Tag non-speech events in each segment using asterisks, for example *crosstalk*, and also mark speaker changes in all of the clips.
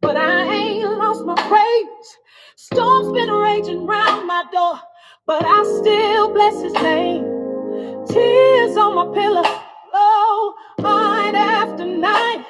Speaker 1: But I ain't lost my praise. Storm's been raging round my door, but I still bless his name. Tears on my pillow, oh, night after night.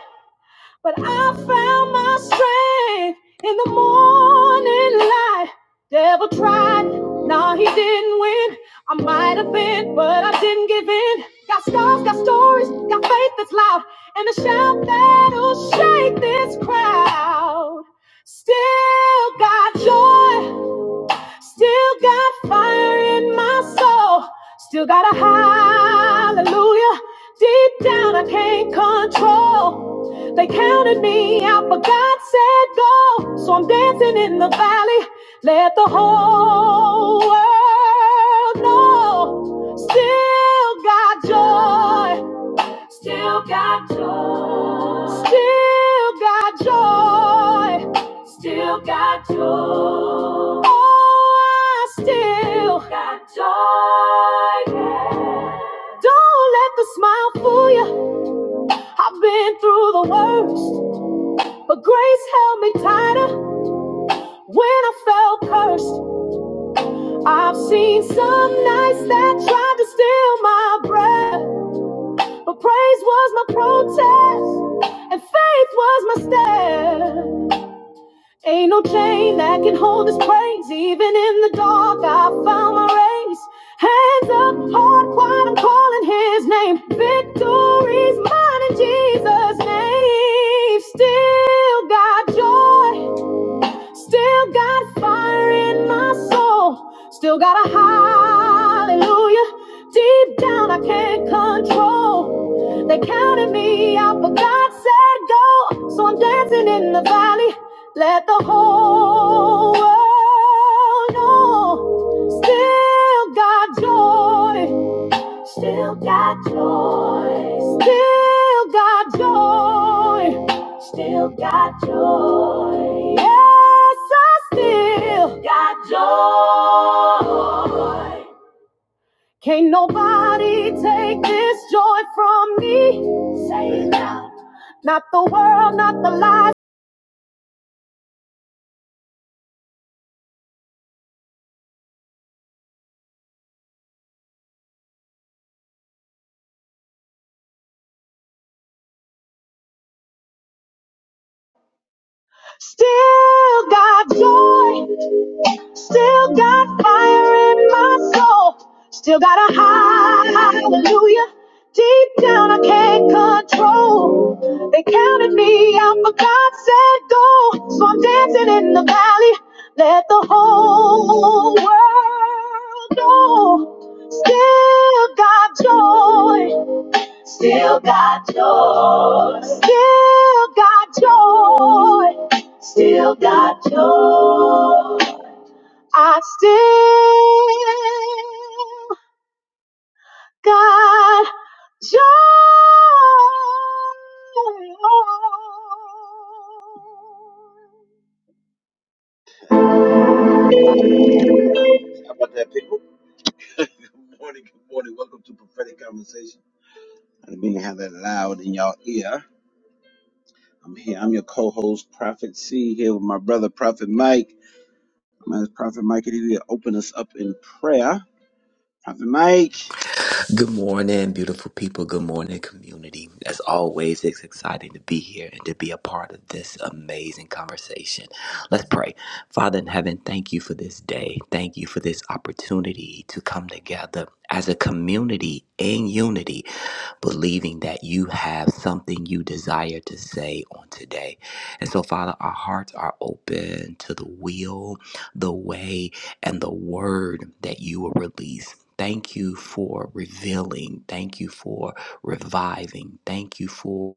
Speaker 1: But I found my strength in the morning light. Devil tried, nah, he didn't win. I might have been, but I didn't give in. Got scars, got stories, got faith that's loud, and a shout that'll shake this crowd. Still got joy. Still got fire in my soul. Still got a hallelujah. Deep down, I can't control. They counted me out, but God said go. So I'm dancing in the valley. Let the whole world know. Still got joy. Still got joy. Still got joy. Still got joy. Oh, I still got joy. yeah. Don't let the smile fool you. I've been through the worst, but grace held me tighter when I felt cursed. I've seen some nights that tried to steal my breath, but praise was my protest and faith was my step. Ain't no chain that can hold this praise. Even in the dark, I found my race. Hands up, heart wide, I'm calling his name. Victory's mine in Jesus' name. Still got joy. Still got fire in my soul. Still got a hallelujah. Deep down, I can't control. They counted me out, but God said go. So I'm dancing in the valley. Let the whole world know. Still got joy. Still got joy. Still got joy. Still got joy. Yes, I still got joy. Can't nobody take this joy from me. Say it now. Not the world, not the lies. Still got joy. Still got fire in my soul. Still got a hallelujah. Deep down, I can't control. They counted me out, but God said go. So I'm dancing in the valley. Let the whole world know. Still got joy. Still got joy. Still got joy. Still got joy. I still got joy. How about that, people? Good morning, good morning. Welcome to Prophetic Conversation. I didn't mean to have that loud in y'all ear. I'm here. I'm your co-host, Prophet C, here with my brother, Prophet Mike. Man, it's Prophet Mike, and he will open us up in prayer. Prophet Mike.
Speaker 2: Good morning, beautiful people. Good morning, community. As always, it's exciting to be here and to be a part of this amazing conversation. Let's pray. Father in heaven, thank you for this day. Thank you for this opportunity to come together as a community in unity believing that you have something you desire to say on today. And so, Father, our hearts are open to the will, the way, and the word that you will release. Thank you for revealing. Thank you for reviving. Thank you for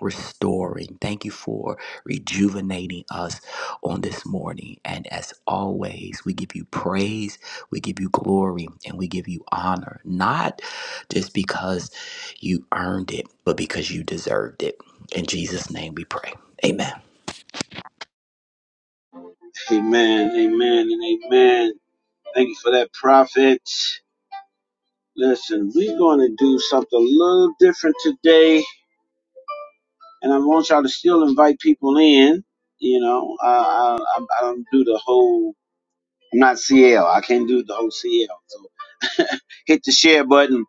Speaker 2: restoring. Thank you for rejuvenating us on this morning. And as always, we give you praise, we give you glory, and we give you honor, not just because you earned it, but because you deserved it. In Jesus' name we pray. Amen.
Speaker 1: Amen, amen, and amen. Thank you for that, Prophet. Listen, we're going to do something a little different today, and I want y'all to still invite people in. You know, I, I, I don't do the whole, I'm not CL. I can't do the whole CL. So hit the share button.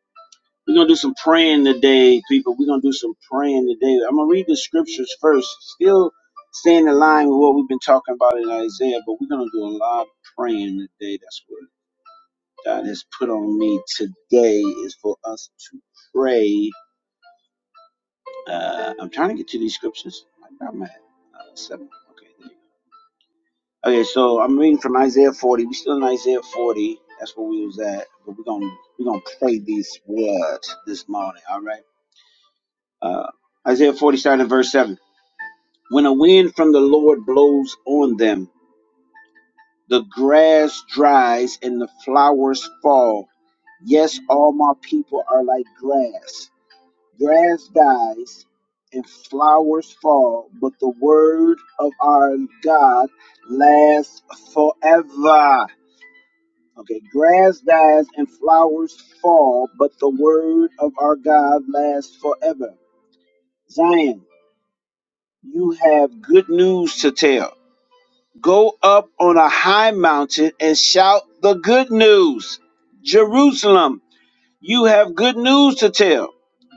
Speaker 1: We're going to do some praying today, people. We're going to do some praying today. I'm going to read the scriptures first, still staying in line with what we've been talking about in Isaiah, but we're going to do a lot of praying today. That's what God has put on me today is for us to pray Uh, I'm trying to get to these scriptures. Where am I at? Uh, seven. Okay. there you go. Okay. So I'm reading from Isaiah 40. We're still in Isaiah 40. That's where we was at. But we're gonna we're gonna pray these words this morning. All right. Uh, Isaiah 40, starting at verse seven. When a wind from the Lord blows on them, the grass dries and the flowers fall. Yes, all my people are like grass. Grass dies and flowers fall, but the word of our God lasts forever. Okay, grass dies and flowers fall, but the word of our God lasts forever. Zion, you have good news to tell. Go up on a high mountain and shout the good news. Jerusalem, You have good news to tell.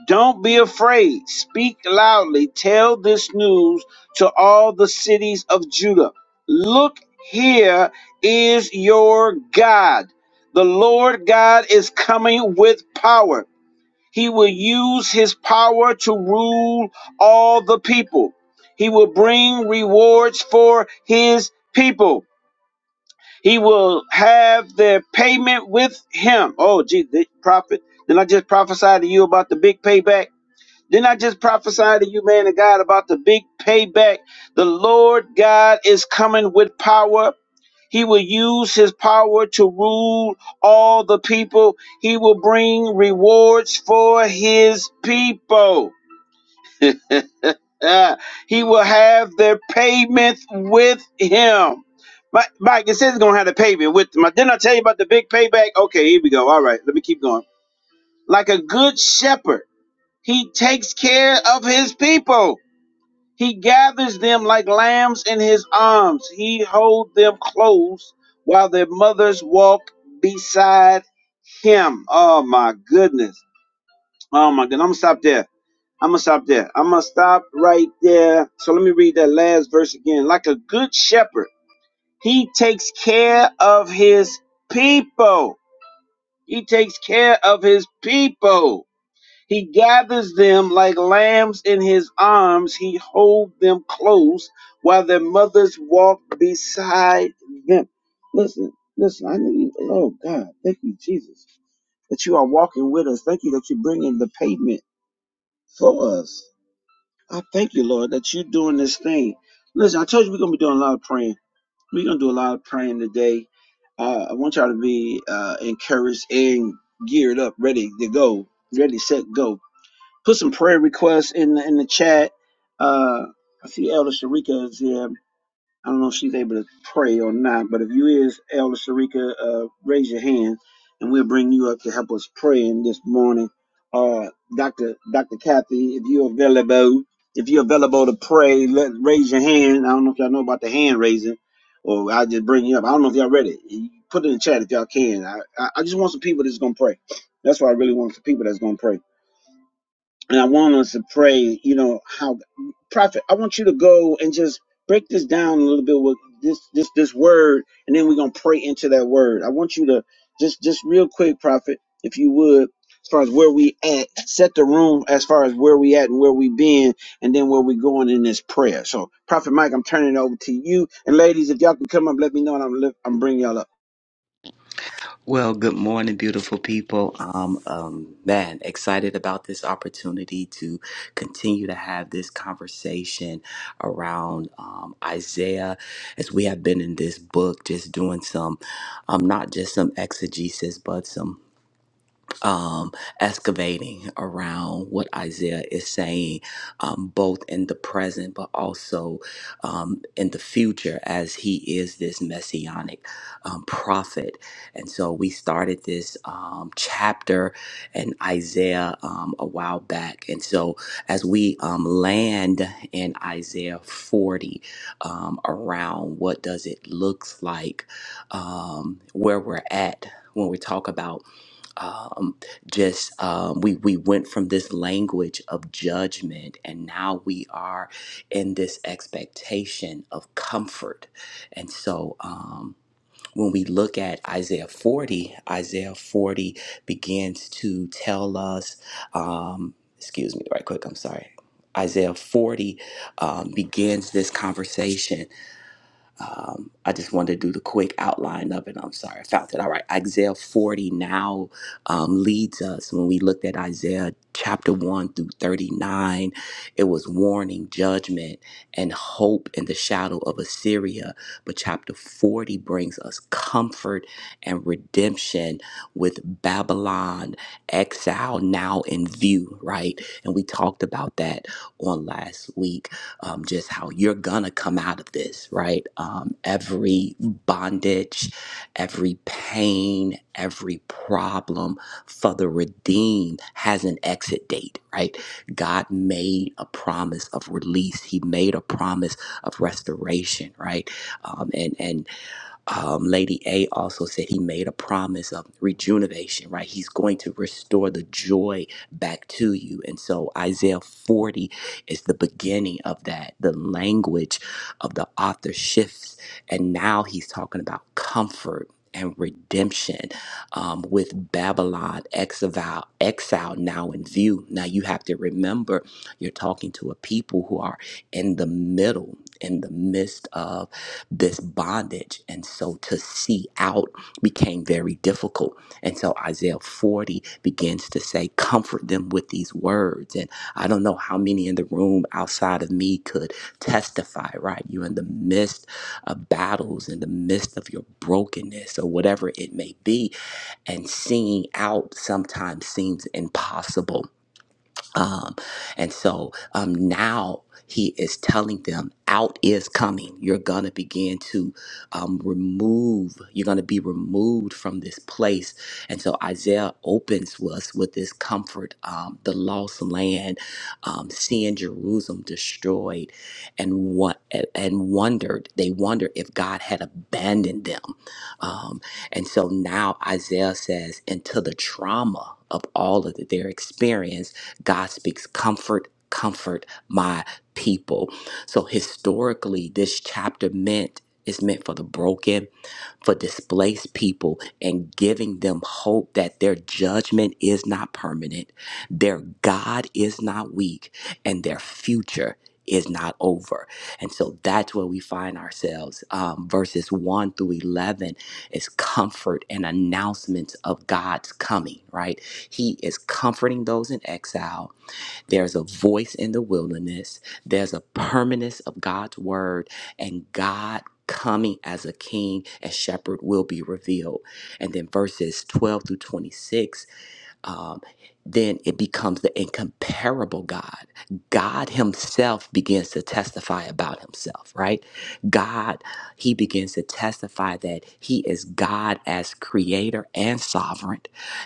Speaker 1: Don't be afraid. Speak loudly. Tell this news to all the cities of Judah. Look, here is your God. The Lord God is coming with power. He will use his power to rule all the people. He will bring rewards for his people. He will have their payment with him. Oh, gee, the prophet. Didn't I just prophesy to you about the big payback? Didn't I just prophesy to you, man of God, about the big payback? The Lord God is coming with power. He will use his power to rule all the people. He will bring rewards for his people. Uh, he will have their payment with him. Mi- Mike, it says he's gonna have the payment with him. Didn't I tell you about the big payback? Okay, here we go. All right, let me keep going. Like a good shepherd, he takes care of his people. He gathers them like lambs in his arms. He holds them close while their mothers walk beside him. Oh my goodness. Oh my goodness. I'm gonna stop there. I'm gonna stop there. I'm gonna stop right there. So let me read that last verse again. Like a good shepherd, he takes care of his people. He takes care of his people. He gathers them like lambs in his arms. He holds them close while their mothers walk beside them. Listen, listen, I need, oh God, thank you, Jesus, that you are walking with us. Thank you that you're bringing the pavement for us. I thank you, Lord, that you're doing this thing. Listen, I told you we're going to be doing a lot of praying. We're going to do a lot of praying today. Uh, I want y'all to be uh, encouraged and geared up, ready to go, ready, set, go. Put some prayer requests in the, in the chat. Uh, I see Elder Sharika is here. I don't know if she's able to pray or not, but if you is Elder Sharika, uh, raise your hand, and we'll bring you up to help us pray in this morning. Uh, Doctor Doctor Kathy, if you're available, if you're available to pray, let raise your hand. I don't know if y'all know about the hand raising, or I'll just bring you up. I don't know if y'all ready. You Put it in the chat if y'all can. I I, I just want some people that's gonna pray. That's what I really want. Some people that's gonna pray. And I want us to pray, you know, how prophet, I want you to go and just break this down a little bit with this this this word, and then we're gonna pray into that word. I want you to just just real quick, prophet, if you would, as far as where we at, set the room as far as where we at and where we been, and then where we going in this prayer. So, Prophet Mike, I'm turning it over to you. And ladies, if y'all can come up, let me know, and I'm lift, I'm bringing y'all up.
Speaker 2: Well, good morning, beautiful people. Um, um, man, excited about this opportunity to continue to have this conversation around um, Isaiah as we have been in this book, just doing some, um, not just some exegesis, but some um, excavating around what Isaiah is saying, um, both in the present but also um, in the future, as he is this messianic um, prophet. And so we started this um, chapter in Isaiah um, a while back. And so as we um, land in Isaiah 40, um, around what does it looks like, um, where we're at when we talk about um, just um, we we went from this language of judgment, and now we are in this expectation of comfort. And so, um, when we look at Isaiah forty, Isaiah forty begins to tell us. Um, excuse me, right quick. I'm sorry. Isaiah 40 um, begins this conversation um, I just wanted to do the quick outline of it. I'm sorry, I found it. All right, Isaiah 40 now um, leads us when we looked at Isaiah chapter 1 through 39. It was warning, judgment, and hope in the shadow of Assyria. But chapter 40 brings us comfort and redemption with Babylon exile now in view, right? And we talked about that on last week um, just how you're gonna come out of this, right? Um, every bondage, every pain, every problem for the redeemed has an exit date, right? God made a promise of release. He made a promise of restoration, right? Um, and and um, Lady A also said he made a promise of rejuvenation, right? He's going to restore the joy back to you. And so Isaiah 40 is the beginning of that. The language of the author shifts. And now he's talking about comfort and redemption um, with Babylon exile, exile now in view. Now you have to remember you're talking to a people who are in the middle, in the midst of this bondage. And so to see out became very difficult. And so Isaiah 40 begins to say, Comfort them with these words. And I don't know how many in the room outside of me could testify, right? You're in the midst of battles, in the midst of your brokenness or whatever it may be. And seeing out sometimes seems impossible. Um, and so um, now he is telling them, out is coming. You're going to begin to um, remove, you're going to be removed from this place. And so Isaiah opens us with this comfort um, the lost land, um, seeing Jerusalem destroyed, and, what, and wondered, they wondered if God had abandoned them. Um, and so now Isaiah says, into the trauma of all of their experience, God speaks comfort, comfort my people. So historically, this chapter meant is meant for the broken, for displaced people, and giving them hope that their judgment is not permanent, their God is not weak, and their future is not over. And so that's where we find ourselves. Um, verses 1 through 11 is comfort and announcements of God's coming, right? He is comforting those in exile. There's a voice in the wilderness. There's a permanence of God's word and God coming as a king and shepherd will be revealed. And then verses 12 through 26 um, then it becomes the incomparable God. God Himself begins to testify about Himself, right? God, He begins to testify that He is God as creator and sovereign.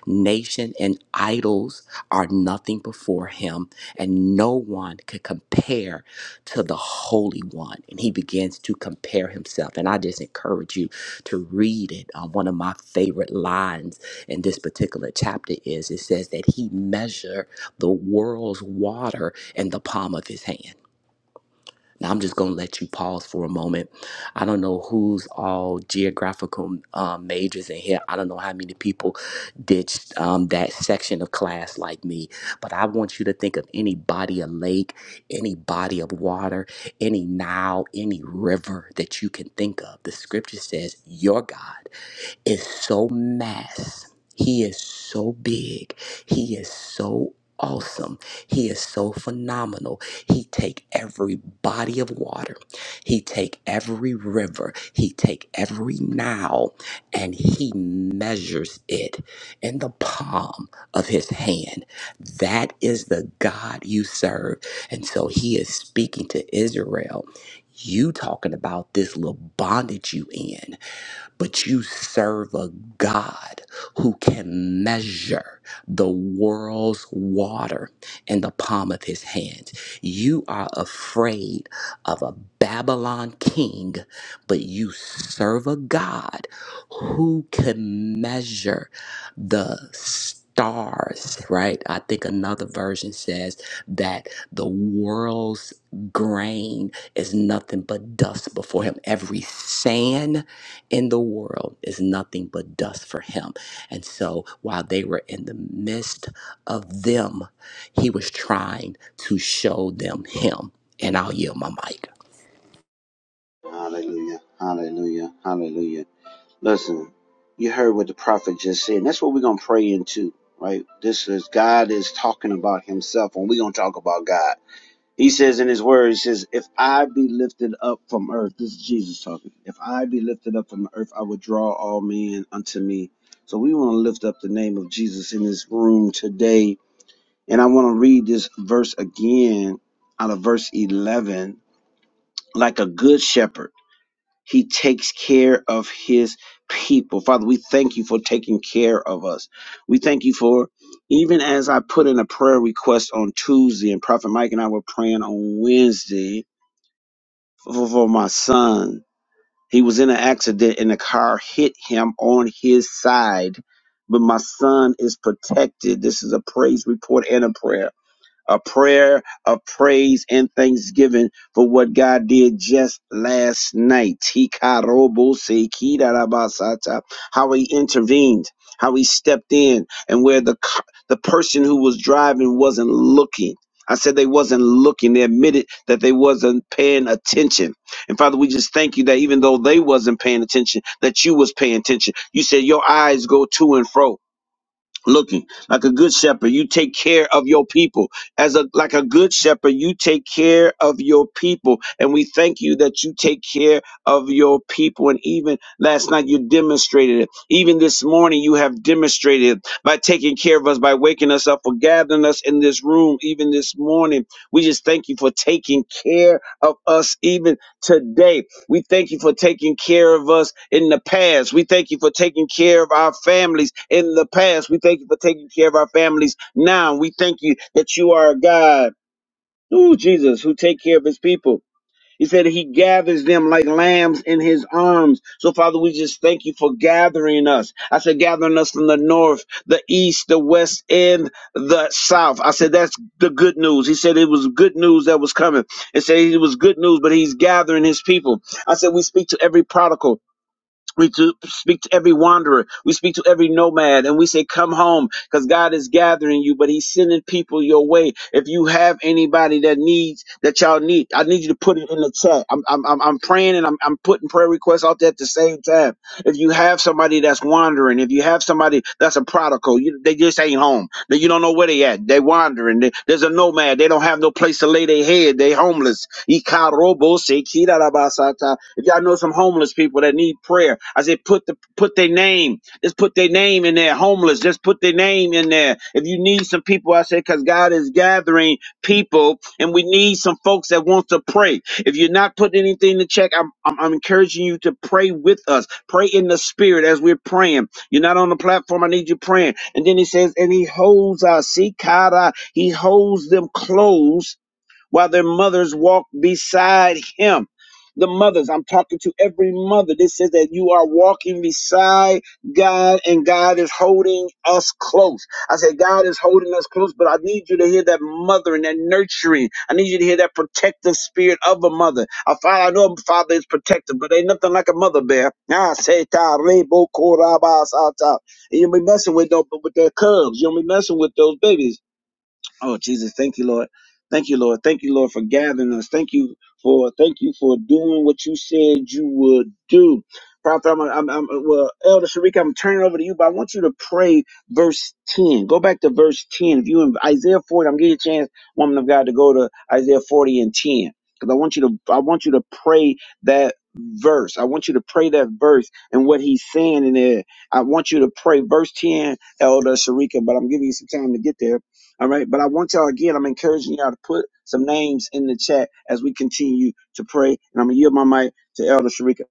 Speaker 2: Nation and idols are nothing before Him, and no one could compare to the Holy One. And He begins to compare Himself. And I just encourage you to read it. Uh, one of my favorite lines in this particular chapter is it says that he measured the world's water in the palm of his hand. Now, I'm just going to let you pause for a moment. I don't know who's all geographical um, majors in here. I don't know how many people ditched um, that section of class like me, but I want you to think of any body of lake, any body of water, any Nile, any river that you can think of. The scripture says, Your God is so mass. He is so big. He is so awesome. He is so phenomenal. He take every body of water. He take every river. He take every Nile and he measures it in the palm of his hand. That is the God you serve. And so he is speaking to Israel. You talking about this little bondage you in but you serve a God who can measure the world's water in the palm of his hand. You are afraid of a Babylon king, but you serve a God who can measure the stars, right? I think another version says that the world's grain is nothing but dust before him. Every sand in the world is nothing but dust for him. And so while they were in the midst of them, he was trying to show them him. And I'll yield my mic.
Speaker 1: Hallelujah, Hallelujah, Hallelujah. Listen, you heard what the prophet just said. And that's what we're going to pray into, right? This is God is talking about himself and we're going to talk about God. He says in his word, he says, if I be lifted up from earth, this is Jesus talking. If I be lifted up from earth, I will draw all men unto me. So we want to lift up the name of Jesus in this room today. And I want to read this verse again out of verse 11, like a good shepherd. He takes care of his people. Father, we thank you for taking care of us. We thank you for, even as I put in a prayer request on Tuesday, and Prophet Mike and I were praying on Wednesday for, for my son. He was in an accident and the car hit him on his side, but my son is protected. This is a praise report and a prayer a prayer of praise and thanksgiving for what God did just last night. Hikarobose kidarabasata. How he intervened, how he stepped in, and where the c- the person who was driving wasn't looking. I said they wasn't looking. They admitted that they wasn't paying attention. And Father, we just thank you that even though they wasn't paying attention, that you was paying attention. You said your eyes go to and fro looking like a good shepherd you take care of your people as a like a good shepherd you take care of your people and we thank you that you take care of your people and even last night you demonstrated it even this morning you have demonstrated it by taking care of us by waking us up for gathering us in this room even this morning we just thank you for taking care of us even today we thank you for taking care of us in the past. We thank you for taking care of our families in the past. We thank you for taking care of our families now. We thank you that you are a God, ooh, Jesus, who take care of his people. He said he gathers them like lambs in his arms. So, Father, we just thank you for gathering us. I said, gathering us from the north, the east, the west, and the south. I said, that's the good news. He said it was good news that was coming. It said it was good news, but he's gathering his people. I said, we speak to every prodigal. We to speak to every wanderer. We speak to every nomad and we say, come home because God is gathering you, but he's sending people your way. If you have anybody that needs, that y'all need, I need you to put it in the chat. I'm, I'm, I'm I'm praying and I'm, I'm putting prayer requests out there at the same time. If you have somebody that's wandering, if you have somebody that's a prodigal, you, they just ain't home. They- You don't know where they at. They wandering. They, there's a nomad. They don't have no place to lay their head. They homeless. If y'all know some homeless people that need prayer, I said put the put their name. Just put their name in there. Homeless, just put their name in there. If you need some people, I said because God is gathering people, and we need some folks that want to pray. If you're not putting anything to check, I'm I'm, I'm encouraging you to pray with us. Pray in the spirit as we're praying. You're not on the platform. I need you praying. And then he says, and he holds our see, Kara, he holds them close while their mothers walk beside him. The mothers, I'm talking to every mother. This says that you are walking beside God and God is holding us close. I said, God is holding us close, but I need you to hear that mothering, that nurturing. I need you to hear that protective spirit of a mother. I, find, I know a father is protective, but ain't nothing like a mother bear. Ah, say ta, re, bo, ko, ba, sa, ta. And you'll be messing with, those, with their cubs. You'll be messing with those babies. Oh Jesus, thank you, Lord. Thank you, Lord. Thank you, Lord, for gathering us. Thank you for thank you for doing what you said you would do. Prophet, I'm, I'm, I'm well, Elder Sharika, I'm turning it over to you, but I want you to pray verse 10. Go back to verse 10. If you in Isaiah 40, I'm giving you a chance, woman of God, to go to Isaiah 40 and 10. Because I want you to I want you to pray that verse. I want you to pray that verse and what he's saying in there. I want you to pray verse 10, Elder Sharika, but I'm giving you some time to get there all right. But I want y'all again, I'm encouraging y'all to put some names in the chat as we continue to pray. And I'm gonna yield my mic to Elder Sharika.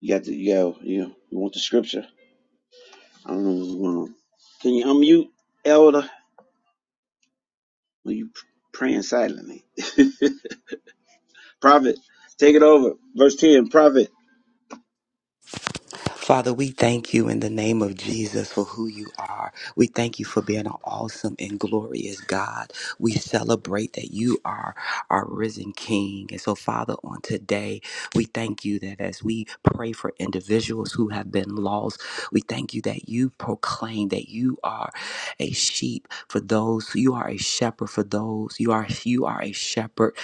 Speaker 1: You got the yo, you you want the scripture? I don't know what's going on. Can you unmute Elder? Are you praying silently? *laughs* Prophet, take it over. Verse 10, Prophet.
Speaker 2: Father, we thank you in the name of Jesus for who you are. We thank you for being an awesome and glorious God. We celebrate that you are our risen King. And so, Father, on today, we thank you that as we pray for individuals who have been lost, we thank you that you proclaim that you are a sheep for those, you are a shepherd for those, you are you are a shepherd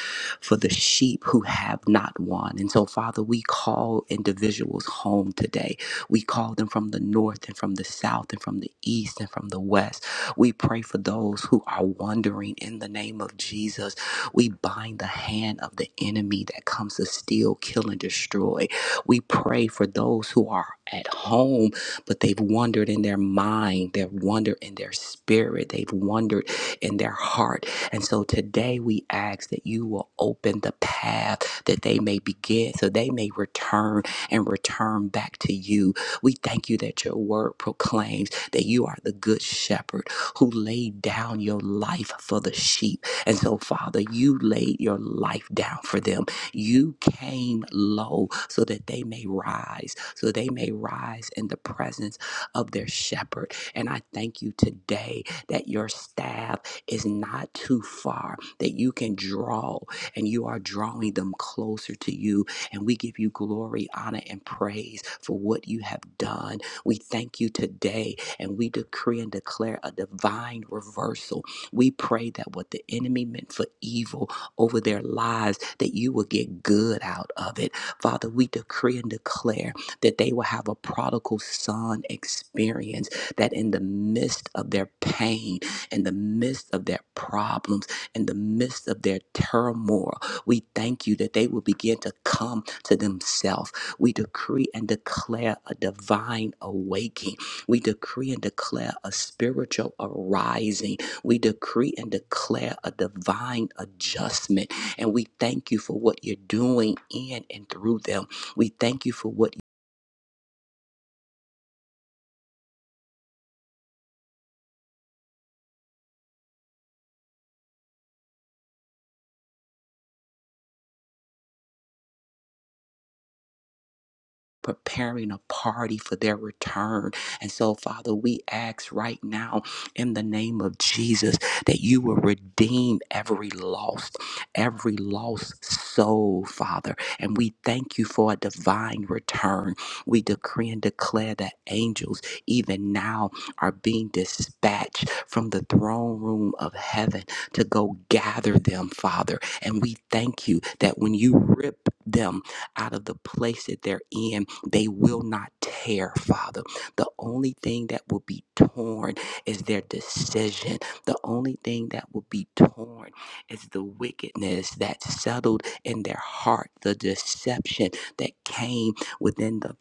Speaker 2: for the sheep who have not one. And so, Father, we call individuals home today. We call them from the north and from the south and from the east and from the west. We pray for those who are wandering in the name of Jesus. We bind the hand of the enemy that comes to steal, kill, and destroy. We pray for those who are at home, but they've wandered in their mind, they've wandered in their spirit, they've wandered in their heart. And so today we ask that you will open the path that they may begin so they may return and return back to you we thank you that your word proclaims that you are the good shepherd who laid down your life for the sheep. And so, Father, you laid your life down for them. You came low so that they may rise, so they may rise in the presence of their shepherd. And I thank you today that your staff is not too far, that you can draw and you are drawing them closer to you and we give you glory, honor, and praise for what you have done. We thank you today and we decree and declare a divine reversal. We pray that what the enemy meant for evil over their lives, that you will get good out of it. Father, we decree and declare that they will have a prodigal son experience, that in the midst of their pain, in the midst of their problems, in the midst of their turmoil, we thank you that they will begin to come to themselves. We decree and declare a divine awakening. We decree and declare a spiritual arising. We decree and declare a divine adjustment. And we thank you for what you're doing in and through them. We thank you for what preparing a party for their return. And so, Father, we ask right now in the name of Jesus that you will redeem every lost, every lost soul, Father. And we thank you for a divine return. We decree and declare that angels, even now, are being dispatched from the throne room of heaven to go gather them, Father. And we thank you that when you rip them out of the place that they're in, they will not tear, Father. The only thing that will be torn is their decision. The only thing that will be torn is the wickedness that settled in their heart, the deception that came within the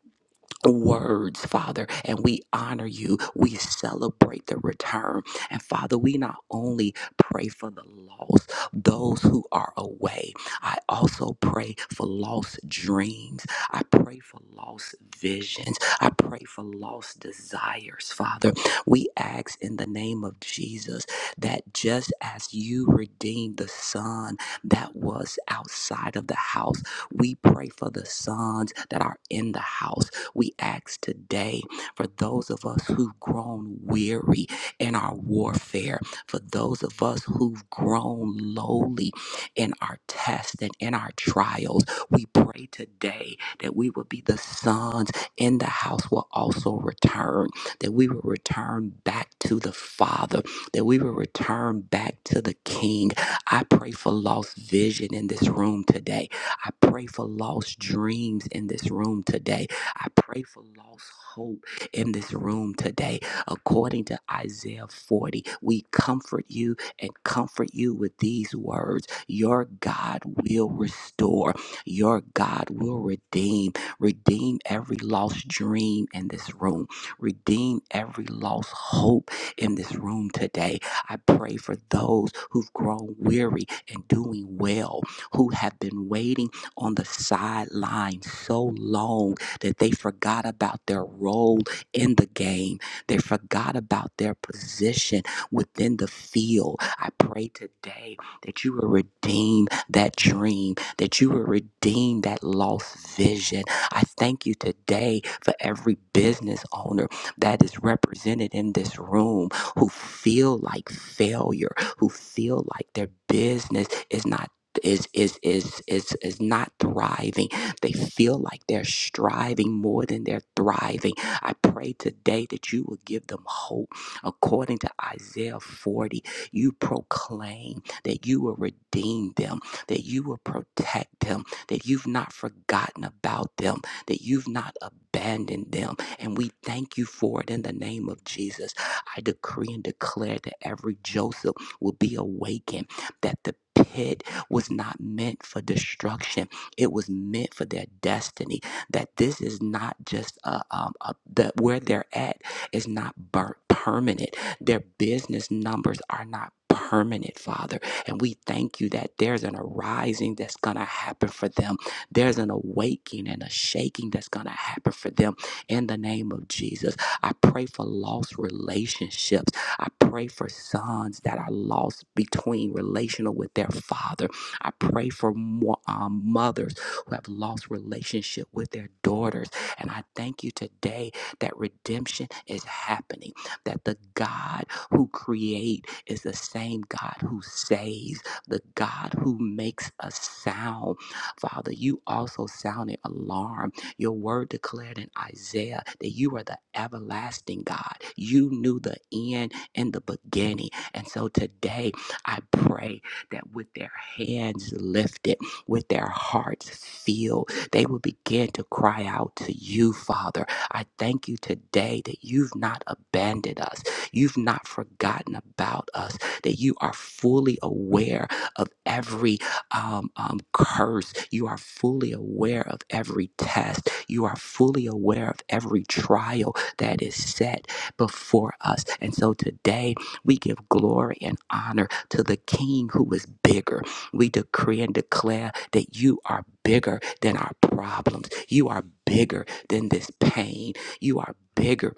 Speaker 2: words, Father, and we honor you. We celebrate the return. And Father, we not only pray for the lost, those who are away, I also pray for lost dreams. I pray for lost visions. I pray for lost desires, Father. We ask in the name of Jesus that just as you redeemed the son that was outside of the house, we pray for the sons that are in the house. We ask today for those of us who've grown weary in our warfare, for those of us who've grown lowly in our tests and in our trials. We pray today that we will be the sons in the house will also return, that we will return back to the Father, that we will return back to the King. I pray for lost vision in this room today. I pray for lost dreams in this room today. I pray for lost hope in this room today. According to Isaiah 40, we comfort you and comfort you with these words Your God will restore, your God will redeem. Redeem every lost dream in this room, redeem every lost hope in this room today. I pray for those who've grown weary and doing well, who have been waiting on the sideline so long that they forgot about their role in the game. They forgot about their position within the field. I pray today that you will redeem that dream, that you will redeem that lost vision. I thank you today for every business owner that is represented in this room who feel like failure, who feel like their business is not is is is is is not thriving they feel like they're striving more than they're thriving. I pray today that you will give them hope. According to Isaiah 40, you proclaim that you will redeem them, that you will protect them, that you've not forgotten about them, that you've not abandoned them. And we thank you for it in the name of Jesus. I decree and declare that every Joseph will be awakened, that the pit was not meant for destruction it was meant for their destiny. That this is not just a, um, a that where they're at is not burnt permanent. Their business numbers are not permanent, Father. And we thank you that there's an arising that's gonna happen for them. There's an awakening and a shaking that's gonna happen for them in the name of Jesus. I pray for lost relationships. I pray for sons that are lost between relational with their father I pray for more um, mothers who have lost relationship with their daughters. And I thank you today that redemption is happening, that the God who creates is the same God who saves, the God who makes a sound. Father, you also sounded alarm. Your word declared in Isaiah that you are the everlasting God. You knew the end and the beginning. And so today I pray that with their hands lifted, with their hearts filled, they will begin to cry out to you, Father. I thank you today that you've not abandoned us, you've not forgotten about us, that you are fully aware of every um, um, curse, you are fully aware of every test, you are fully aware of every trial that is set before us. And so today we give glory and honor to the King who is bigger. We decree and declare that you are bigger than our problems. You are bigger than this pain. You are bigger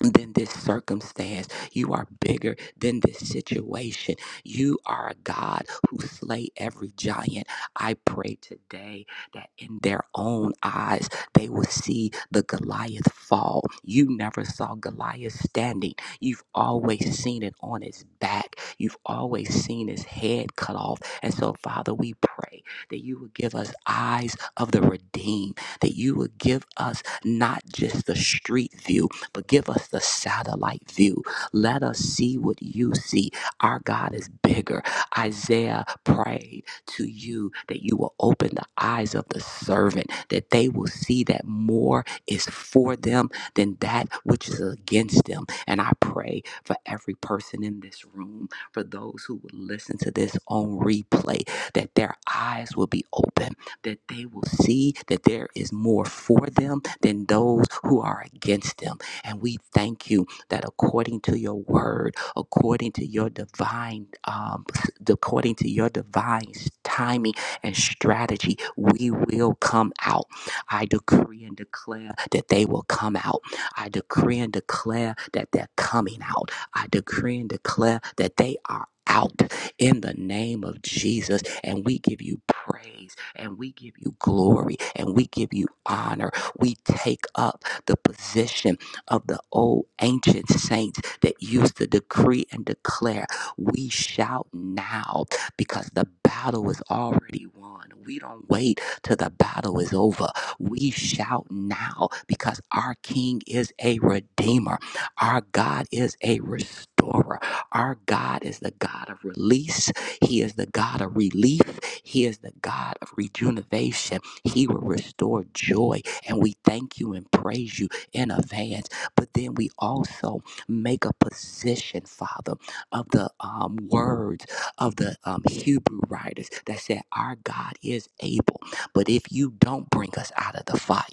Speaker 2: than this circumstance. You are bigger than this situation. You are a God who slay every giant. I pray today that in their own eyes they will see the Goliath fall. You never saw Goliath standing. You've always seen it on his back. You've always seen his head cut off. And so, Father, we pray that you would give us eyes of the redeemed, that you would give us not just the street view, but give us the satellite view. Let us see what you see. Our God is bigger. Isaiah prayed to you that you will open the eyes of the servant, that they will see that more is for them than that which is against them. And I pray for every person in this room, for those who will listen to this on replay, that their eyes will be open, that they will see that there is more for them than those who are against them and we thank you that according to your word, according to your divine, um, according to your divine timing and strategy, we will come out. I decree and declare that they will come out. I decree and declare that they're coming out. I decree and declare that they are out in the name of Jesus. And we give you praise and we give you glory and we give you honor. We take up the position of the old ancient saints that used to decree and declare, We shout now because the battle is already won. We don't wait till the battle is over. We shout now because our King is a redeemer. Our God is a restorer. Our God is the God of release. He is the God of relief. He is the God of rejuvenation. He will restore joy. And we thank you and praise you in advance but then we also make a position, Father, of the um, words of the um, Hebrew writers that said, Our God is able. But if you don't bring us out of the fire,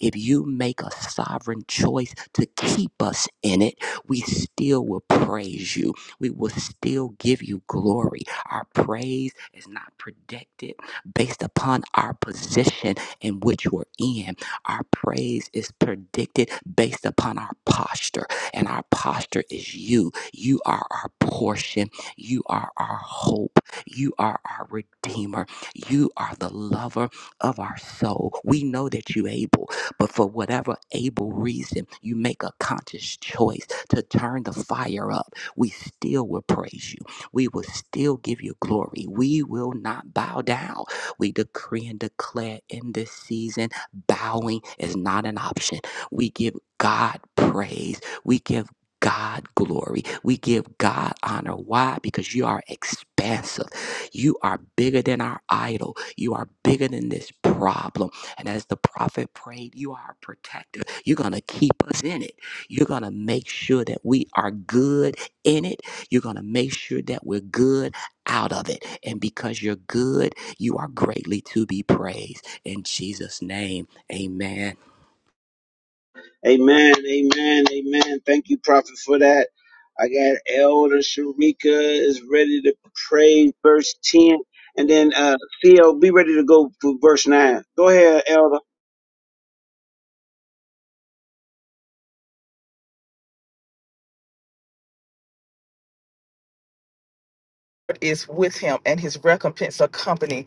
Speaker 2: if you make a sovereign choice to keep us in it, we still will praise you. We will still give you glory. Our praise is not predicted based upon our position in which we're in. Our praise is predicted based upon our posture, and our posture is you. You are our portion. You are our hope. You are our redeemer. You are the lover of our soul. We know that you're able, but for whatever able reason, you make a conscious choice to turn the fire up. We still will praise you. We will still give you glory. We will not bow down. We decree and declare in this season Bowing is not an option. We give God praise. We give God glory. We give God honor. Why? Because you are expansive. You are bigger than our idol. You are bigger than this problem. And as the prophet prayed, you are a protector. You're going to keep us in it. You're going to make sure that we are good in it. You're going to make sure that we're good out of it. And because you're good, you are greatly to be praised. In Jesus' name, amen.
Speaker 1: Amen, amen, amen. Thank you, Prophet, for that. I got Elder Sharika is ready to pray verse 10. And then uh Theo, be ready to go for verse 9. Go ahead, Elder.
Speaker 3: is with him and his recompense accompany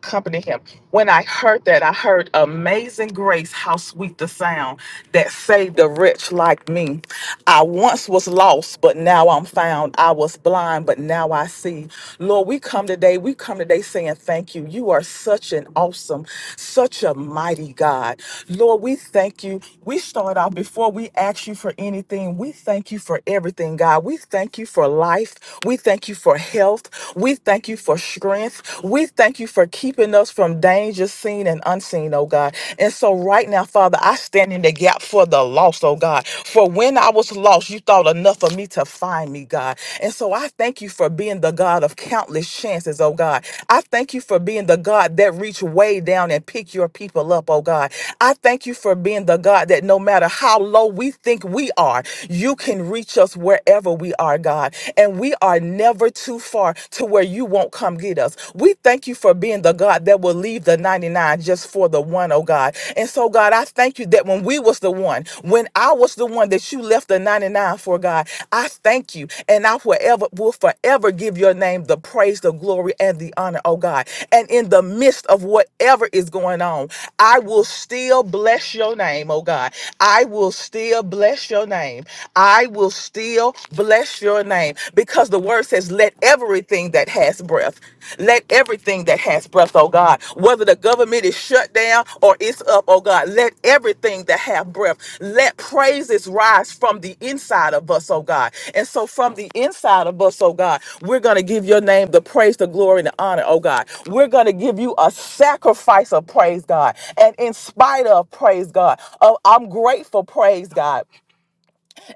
Speaker 3: accompany him when i heard that i heard amazing grace how sweet the sound that saved a wretch like me i once was lost but now i'm found i was blind but now i see lord we come today we come today saying thank you you are such an awesome such a mighty god lord we thank you we start off before we ask you for anything we thank you for everything god we thank you for life we thank you for health. We thank you for strength. We thank you for keeping us from danger seen and unseen, oh God. And so right now, Father, I stand in the gap for the lost, oh God. For when I was lost, you thought enough of me to find me, God. And so I thank you for being the God of countless chances, oh God. I thank you for being the God that reached way down and picked your people up, oh God. I thank you for being the God that no matter how low we think we are, you can reach us wherever we we are, God. And we are never too far to where you won't come get us. We thank you for being the God that will leave the 99 just for the one, oh God. And so, God, I thank you that when we was the one, when I was the one that you left the 99 for, God, I thank you. And I forever will forever give your name the praise, the glory, and the honor, oh God. And in the midst of whatever is going on, I will still bless your name, oh God. I will still bless your name. I will still bless your name because the word says, Let everything that has breath, let everything that has breath, oh God, whether the government is shut down or it's up, oh God, let everything that have breath, let praises rise from the inside of us, oh God. And so from the inside of us, oh God, we're going to give your name the praise, the glory, and the honor, oh God. We're going to give you a sacrifice of praise, God. And in spite of praise, God, of I'm grateful, praise God.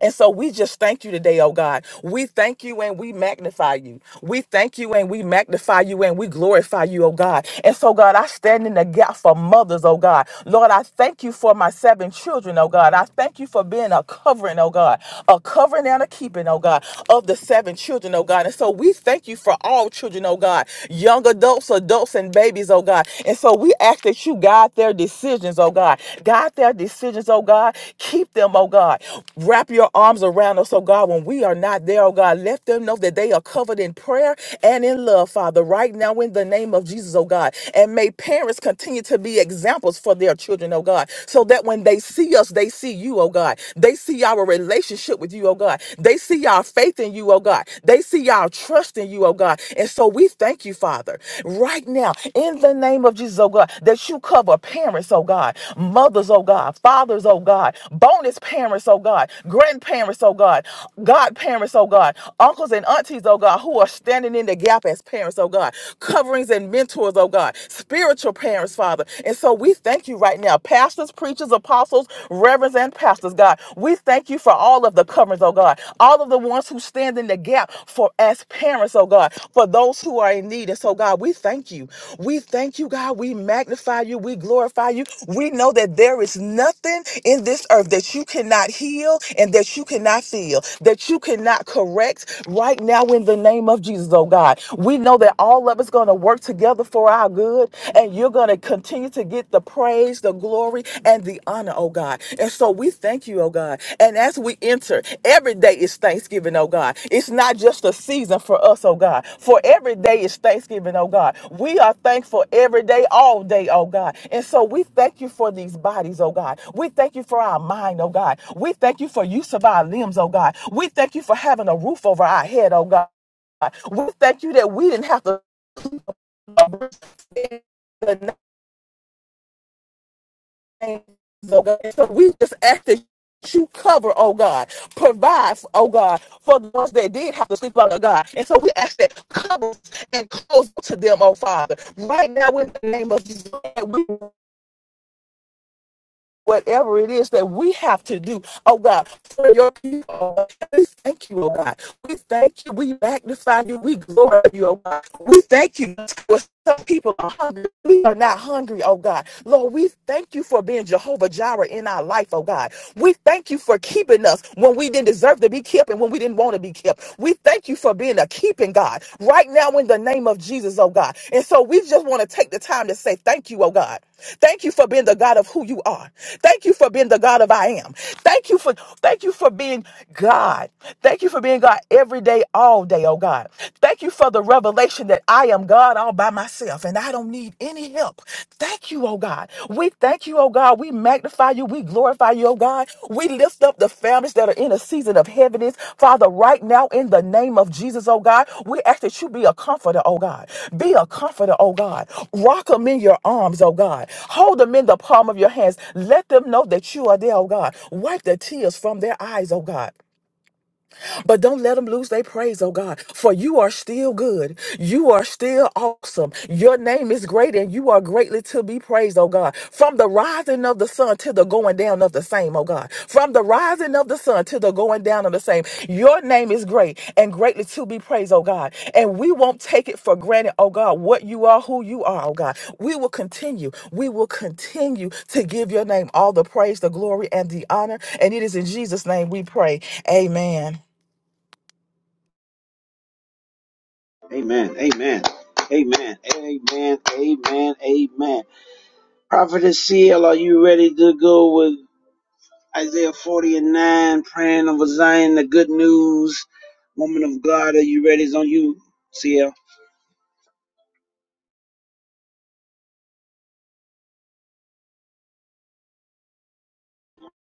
Speaker 3: And so we just thank you today, oh God. We thank you and we magnify you. We thank you and we magnify you and we glorify you, oh God. And so, God, I stand in the gap for mothers, oh God. Lord, I thank you for my seven children, oh God. I thank you for being a covering, oh God, a covering and a keeping, oh God, of the seven children, oh God. And so we thank you for all children, oh God, young adults, adults, and babies, oh God. And so we ask that you guide guide their decisions, oh God. Guide their decisions, oh God. Keep them, oh God. Wrap your arms around us, oh God, when we are not there, oh God. Let them know that they are covered in prayer and in love, Father, right now in the name of Jesus, oh God. And may parents continue to be examples for their children, oh God, so that when they see us, they see you, oh God. They see our relationship with you, oh God. They see our faith in you, oh God. They see our trust in you, you, oh God. And so we thank you, Father, right now, in the name of Jesus, oh God, that you cover parents, oh God, mothers, oh God, fathers, oh God, bonus parents, oh God, grandparents, oh God, godparents, oh God, uncles and aunties, oh God, who are standing in the gap as parents, oh God, coverings and mentors, oh God, spiritual parents, Father. And so we thank you right now, pastors, preachers, apostles, reverends, and pastors, God. We thank you for all of the coverings, oh God, all of the ones who stand in the gap for as parents, oh God, for those who are in need. And so, God, we thank you. We thank you, God. We magnify you. We glorify you. We know that there is nothing in this earth that you cannot heal and that you cannot feel, that you cannot correct right now in the name of Jesus, oh God. We know that all of it's going to work together for our good and you're going to to continue to get the praise, the glory, and the honor, oh God. And so we thank you, oh God. And as we enter, every day is Thanksgiving, oh God. It's not just a season for us, oh God. For every day is Thanksgiving, oh God. We are thankful every day, all day, oh God. And so we thank you for these bodies, oh God. We thank you for our mind, oh God. We thank you for use of our limbs, oh God. We thank you for having a roof over our head, oh God. We thank you that we didn't have to the things, oh God. So we just ask that you cover, oh God, provide, oh God, for the ones that did have to sleep out, oh God. And so we ask that cover and close to them, oh Father. Right now, in the name of Jesus, we whatever it is that we have to do, oh God, for your people. We thank you, oh God. We thank you. We magnify you. We glorify you, oh God. We thank you. For some people are hungry. We are not hungry, oh God. Lord, we thank you for being Jehovah Jireh in our life, oh God. We thank you for keeping us when we didn't deserve to be kept and when we didn't want to be kept. We thank you for being a keeping God. God, right now in the name of Jesus, oh God. And so we just want to take the time to say thank you, oh God. Thank you for being the God of who you are. Thank you for being the God of I am. Thank you for thank you for being God. Thank you for being God every day, all day, oh God. Thank you for the revelation that I am God all by myself and I don't need any help. Thank you, oh God. God. We thank you, oh God. We magnify you. We glorify you, oh God. We lift up the families that are in a season of heaviness. Father, right now in the name of Jesus, oh God, we ask that you be a comforter, oh God. Be a comforter, oh God. Rock them in your arms, oh God. Hold them in the palm of your hands. Let them know that you are there, oh God. Wipe the tears from their eyes, oh God. But don't let them lose their praise, oh God, for you are still good. You are still awesome. Your name is great and you are greatly to be praised, oh God. From the rising of the sun to the going down of the same, oh God. From the rising of the sun to the going down of the same, your name is great and greatly to be praised, oh God. And we won't take it for granted, oh God, what you are, who you are, oh God. We will continue. We will continue to give your name all the praise, the glory, and the honor. And it is in Jesus' name we pray. Amen.
Speaker 1: Amen, amen, amen, amen, amen, amen. Prophetess CL, are you ready to go with Isaiah 40 and 9, praying over Zion, the good news? Woman of God, are you ready? It's on you, CL.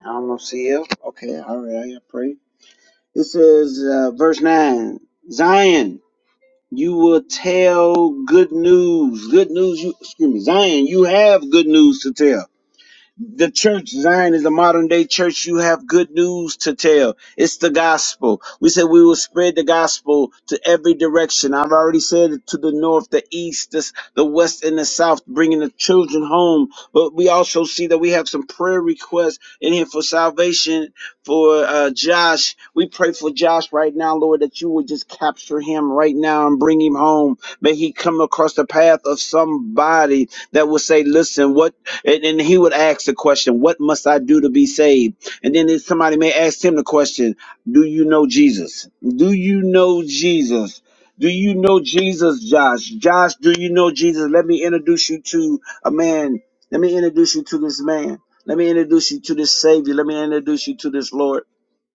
Speaker 1: I don't know, CL. Okay, all right, I pray. It says, uh, verse 9 Zion, you will tell good news. Good news, you, excuse me, Zion, you have good news to tell the church Zion is a modern day church. You have good news to tell. It's the gospel. We said we will spread the gospel to every direction. I've already said it to the north, the east, this, the west, and the south, bringing the children home. But we also see that we have some prayer requests in here for salvation for uh, Josh. We pray for Josh right now, Lord, that you would just capture him right now and bring him home. May he come across the path of somebody that will say, "Listen, what." And, and he would ask the question, What must I do to be saved? And then if somebody may ask him the question, Do you know Jesus? Do you know Jesus? Do you know Jesus, Josh? Josh, do you know Jesus? Let me introduce you to a man. Let me introduce you to this man. Let me introduce you to this Savior. Let me introduce you to this Lord.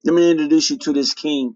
Speaker 1: Let me introduce you to this King.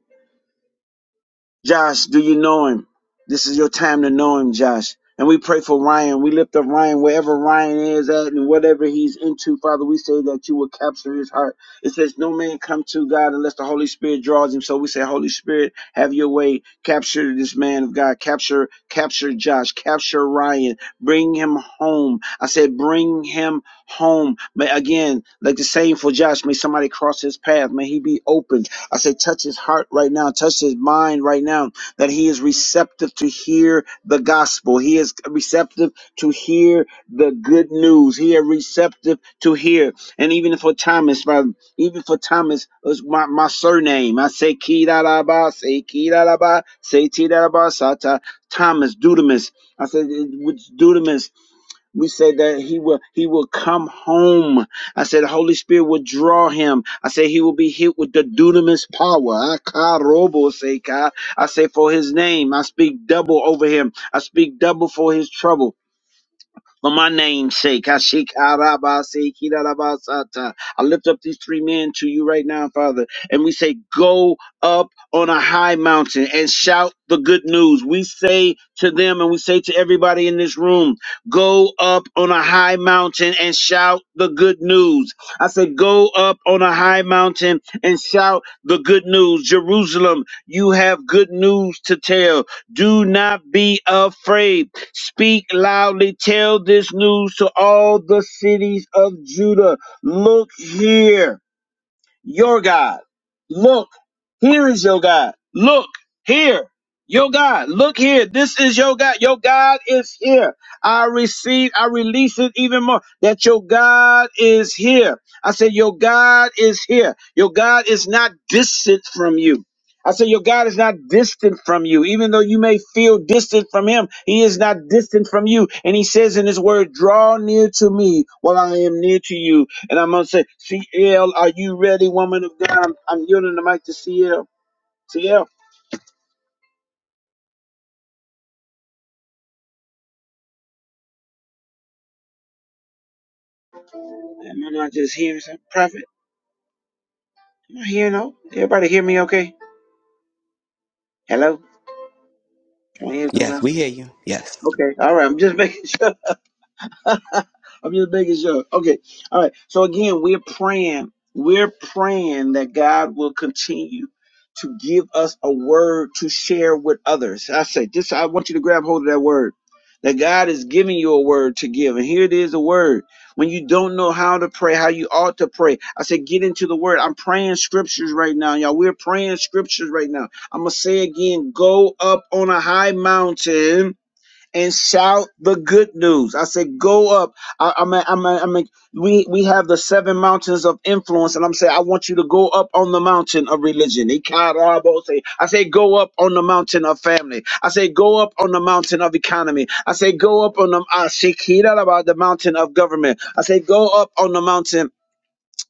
Speaker 1: Josh, do you know him? This is your time to know him, Josh. And we pray for Ryan. We lift up Ryan wherever Ryan is at and whatever he's into, Father. We say that you will capture his heart. It says, No man come to God unless the Holy Spirit draws him. So we say, Holy Spirit, have your way. Capture this man of God. Capture, capture Josh. Capture Ryan. Bring him home. I said, Bring him home. But again, like the same for Josh, may somebody cross his path. May he be open. I say, touch his heart right now, touch his mind right now, that he is receptive to hear the gospel. He is receptive to hear the good news. He is receptive to hear. And even for Thomas, my, even for Thomas, was my, my surname. I say, Kidaraba, say Kidaraba, say Tidaraba, Sata, Thomas, Dudamus. I said, which Dudamus we say that he will he will come home. I said the Holy Spirit will draw him. I say he will be hit with the dunamis power. Akarobo seka. I say for his name, I speak double over him. I speak double for his trouble for my name's sake. Hashikarabasikidarabasata. I lift up these three men to you right now, Father, and we say, Go up on a high mountain and shout the good news. We say to them and we say to everybody in this room, Go up on a high mountain and shout the good news. I said, Go up on a high mountain and shout the good news. Jerusalem, you have good news to tell. Do not be afraid. Speak loudly. Tell this news to all the cities of Judah. Look here your God. Look, here is your God. Look here. Your God, look here. This is your God. Your God is here. I receive, I release it even more that your God is here. I say Your God is here. Your God is not distant from you. I say Your God is not distant from you. Even though you may feel distant from Him, He is not distant from you. And He says in His word, Draw near to me while I am near to you and I'm going to say, CL, are you ready, woman of God? I'm, I'm yielding the mic to CL. CL, am I not just hearing some prophet? Am I hearing no? Everybody hear me okay? Hello? Can I hear
Speaker 2: Yes,
Speaker 1: somebody?
Speaker 2: we hear you. Yes.
Speaker 1: Okay, all right, I'm just *laughs* making sure. *laughs* I'm just making sure. Okay. All right. So again, we're praying. We're praying that God will continue to give us a word to share with others. I say, just I want you to grab hold of that word. That God is giving you a word to give. And here it is a word. When you don't know how to pray, how you ought to pray, I say, get into the word. I'm praying scriptures right now, y'all. We're praying scriptures right now. I'm going to say again go up on a high mountain and shout the good news. I said, go up. I, I'm, a, I'm, a, I'm a, we, we have the seven mountains of influence, and I'm saying, I want you to go up on the mountain of religion. Ikarabo I say, go up on the mountain of family. I say, go up on the mountain of economy. I say, go up on the, uh, Shikira, about the mountain of government. I say, go up on the mountain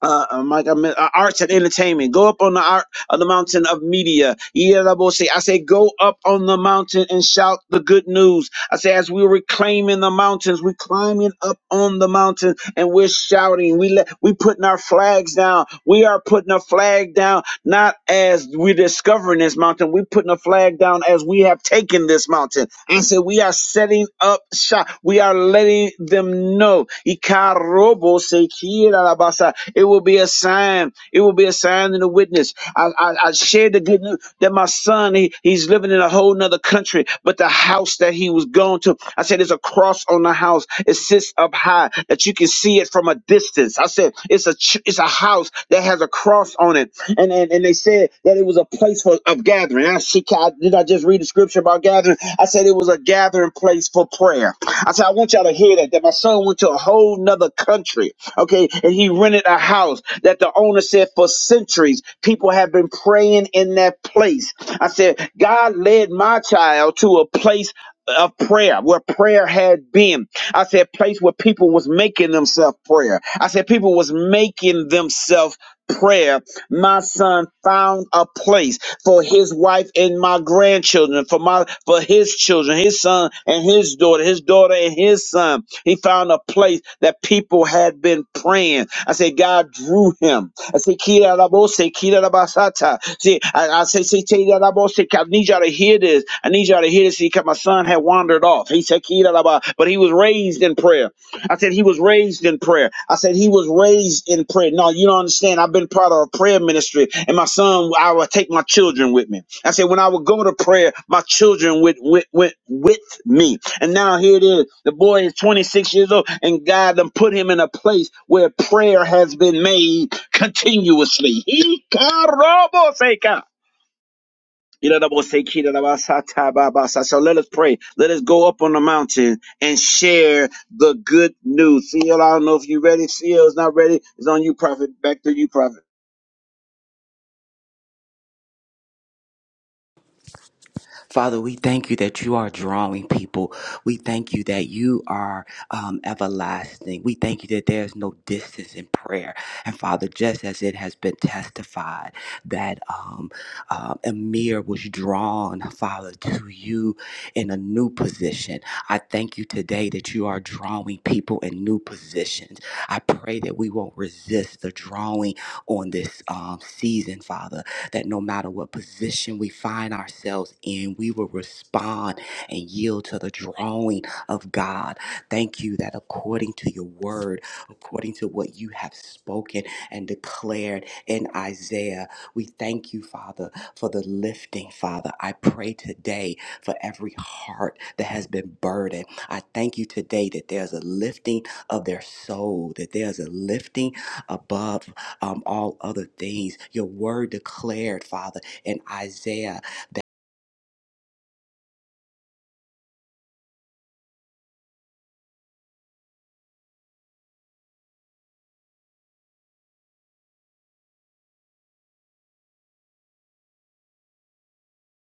Speaker 1: uh, uh, my God, uh, arts and entertainment. Go up on the art on the mountain of media. Yerabose. I say, go up on the mountain and shout the good news. I say, as we're reclaiming the mountains, we're climbing up on the mountain and we're shouting. We let we putting our flags down. We are putting a flag down not as we're discovering this mountain. We're putting a flag down as we have taken this mountain. And so we are setting up shop. We are letting them know. Ikarobo sekirabasa. It will be a sign. It will be a sign and a witness. I, I, I shared the good news that my son, he, he's living in a in a whole nother country, but the house that he was going to, I said, there's a cross on the house. It sits up high that you can see it from a distance. I said, it's a ch- it's a house that has a cross on it, and and, and they said that it was a place for of gathering. I see, did I just read the scripture about gathering? I said it was a gathering place for prayer. I said, I want y'all to hear that that my son went to a whole nother country, okay, and he rented a house that the owner said for centuries people have been praying in that place I said, God led my child to a place of prayer where prayer had been. I said, place where people was making themselves prayer. I said, people was making themselves prayer. My son found a place for his wife and my grandchildren, for my for his children, his son and his daughter, his daughter and his son. He found a place that people had been praying. I said, God drew him. I say, Kira Rabose, Kira Rabasata. See, I, I say, say, Kira Rabose, I need y'all to hear this. I need y'all to hear this. See, because my son had wandered off. He said, Kira Rabba, but he was raised in prayer. I said, he was raised in prayer. I said, he was raised in prayer. No, you don't understand. I've been part of a prayer ministry, and my son, I would take my children with me. I said, when I would go to prayer, my children went, went, went with me. And now here it is. The boy is 26 years old, and God done put him in a place where prayer has been made continuously. He karaboseka. Iraraboseki, irarabasata, babasa. So let us pray. Let us go up on the mountain and share the good news. Seal, I don't know if you're ready. Seal is not ready. It's on you, prophet. Back to you, prophet.
Speaker 2: Father, we thank you that you are drawing people. We thank you that you are um, everlasting. We thank you that there is no distance in prayer. And Father, just as it has been testified that um, uh, Amir was drawn, Father, to you in a new position, I thank you today that you are drawing people in new positions. I pray that we won't resist the drawing on this um, season, Father that no matter what position we find ourselves in, we will respond and yield to the drawing of God. Thank you that according to your word, according to what you have spoken and declared in Isaiah, we thank you, Father, for the lifting, Father. I pray today for every heart that has been burdened. I thank you today that there's a lifting of their soul, that there's a lifting above um, all other things. Your word declared, Father, in Isaiah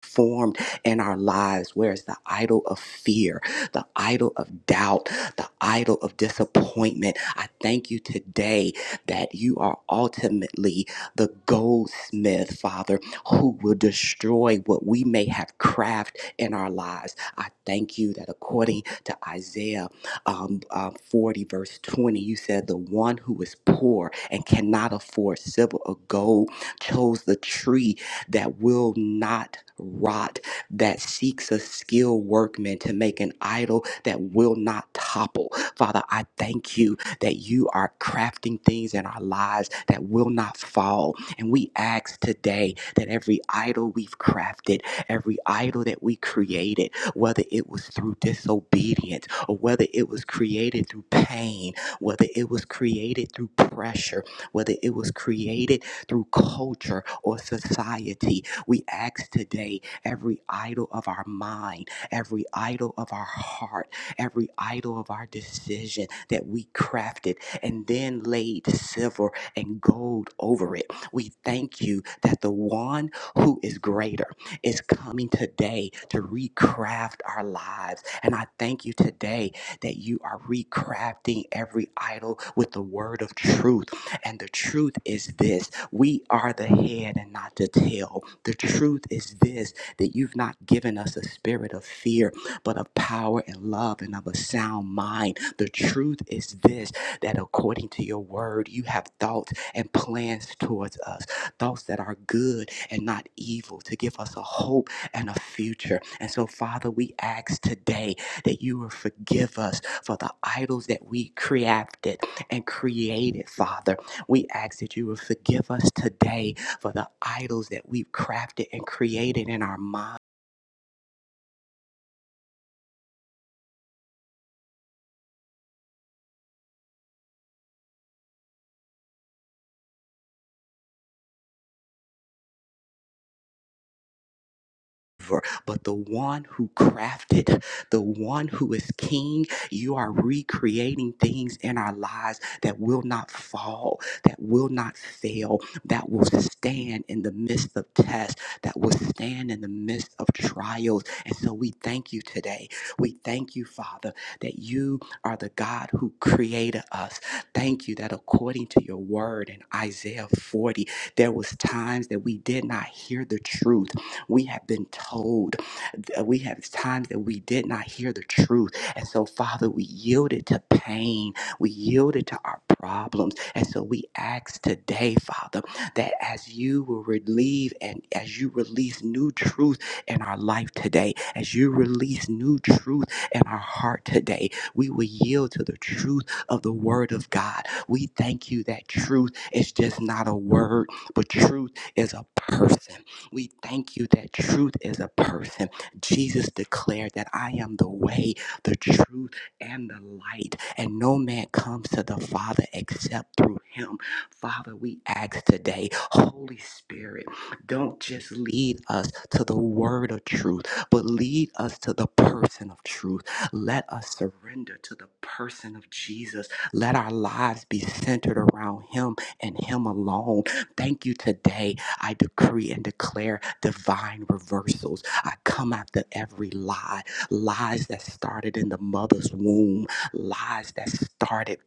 Speaker 2: formed in our lives? Where is the idol of fear, the idol of doubt, the idol of disappointment? I thank you today that you are ultimately the goldsmith, Father, who will destroy what we may have crafted in our lives. I thank you that according to Isaiah um, um, 40, verse 20, you said, The one who is poor and cannot afford silver or gold chose the tree that will not rot, that seeks a skilled workman to make an idol that will not topple. Father, I thank you that you are crafting things in our lives that will not fall. And we ask today that every idol we've crafted, every idol that we created, whether it was through disobedience or whether it was created through pain, whether it was created through pressure, whether it was created through culture or society. We ask today every idol of our mind, every idol of our heart, every idol of our decision that we crafted and then laid silver and gold over it. We thank you that the one who is greater is coming today to recraft our lives. And I thank you today that you are recrafting every idol with the word of truth. And the truth is this we are the head and not the tail. The truth is this that you've not given us a spirit of fear, but of power and love and of a sound mind. The truth is this that according to your word, you have thoughts and plans towards us, thoughts that are good and not evil, to give us a hope and a future. And so, Father, we ask today that you will forgive us for the idols that we crafted and created, Father. We ask that you would forgive us today for the idols that we've crafted and created in our minds but the one who crafted, the one who is king. You are recreating things in our lives that will not fall, that will not fail, that will stand in the midst of tests, that will stand in the midst of trials. And so we thank you today. We thank you, Father, that you are the God who created us. Thank you that according to your word in Isaiah 40, there was times that we did not hear the truth we have been told uh, we have times that we did not hear the truth. And so, Father, we yielded to pain. We yielded to our problems. And so we ask today, Father, that as you will relieve and as you release new truth in our life today, as you release new truth in our heart today, we will yield to the truth of the word of God. We thank you that truth is just not a word, but truth is a person. We thank you that truth is a person. Jesus declared that I am the way, the truth, and the light, and no man comes to the Father except through him. Father, we ask today, Holy Spirit, don't just lead us to the word of truth, but lead us to the person of truth. Let us surrender to the person of Jesus. Let our lives be centered around him and him alone. Thank you today. I decree and declare divine reversals I come after every lie, lies that started in the mother's womb, lies that started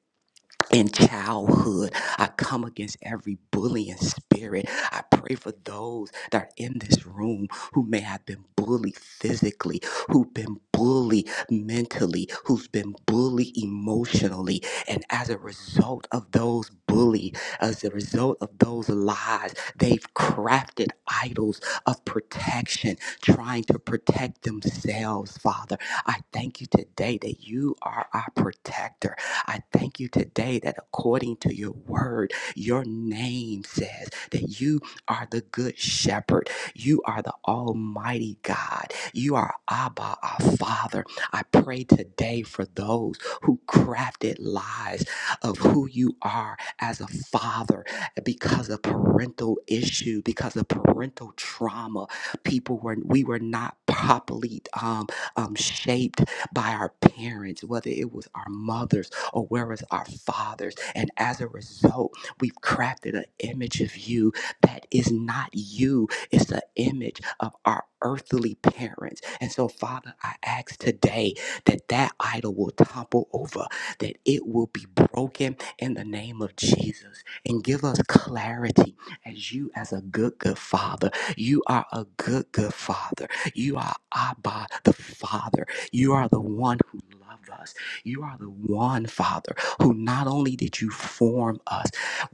Speaker 2: in childhood. I come against every bullying spirit. I pray for those that are in this room who may have been bullied physically, who've been bullied mentally, who's been bullied emotionally. And as a result of those bullies, as a result of those lies, they've crafted idols of protection, trying to protect themselves, Father. I thank you today that you are our protector I thank you today that according to your word, your name says that you are the good shepherd. You are the almighty God. You are Abba, our Father. I pray today for those who crafted lies of who you are as a father because of parental issue, because of parental trauma. People were, we were not properly um, um, shaped by our parents, whether it was our mothers or where is our fathers? And as a result, we've crafted an image of you that is not you, it's an image of our earthly parents. And so, Father, I ask today that that idol will topple over, that it will be broken in the name of Jesus, and give us clarity as you, as a good, good Father. You are a good, good Father. You are Abba, the Father. You are the one who loves us. You are the one, Father, who not only did you form us,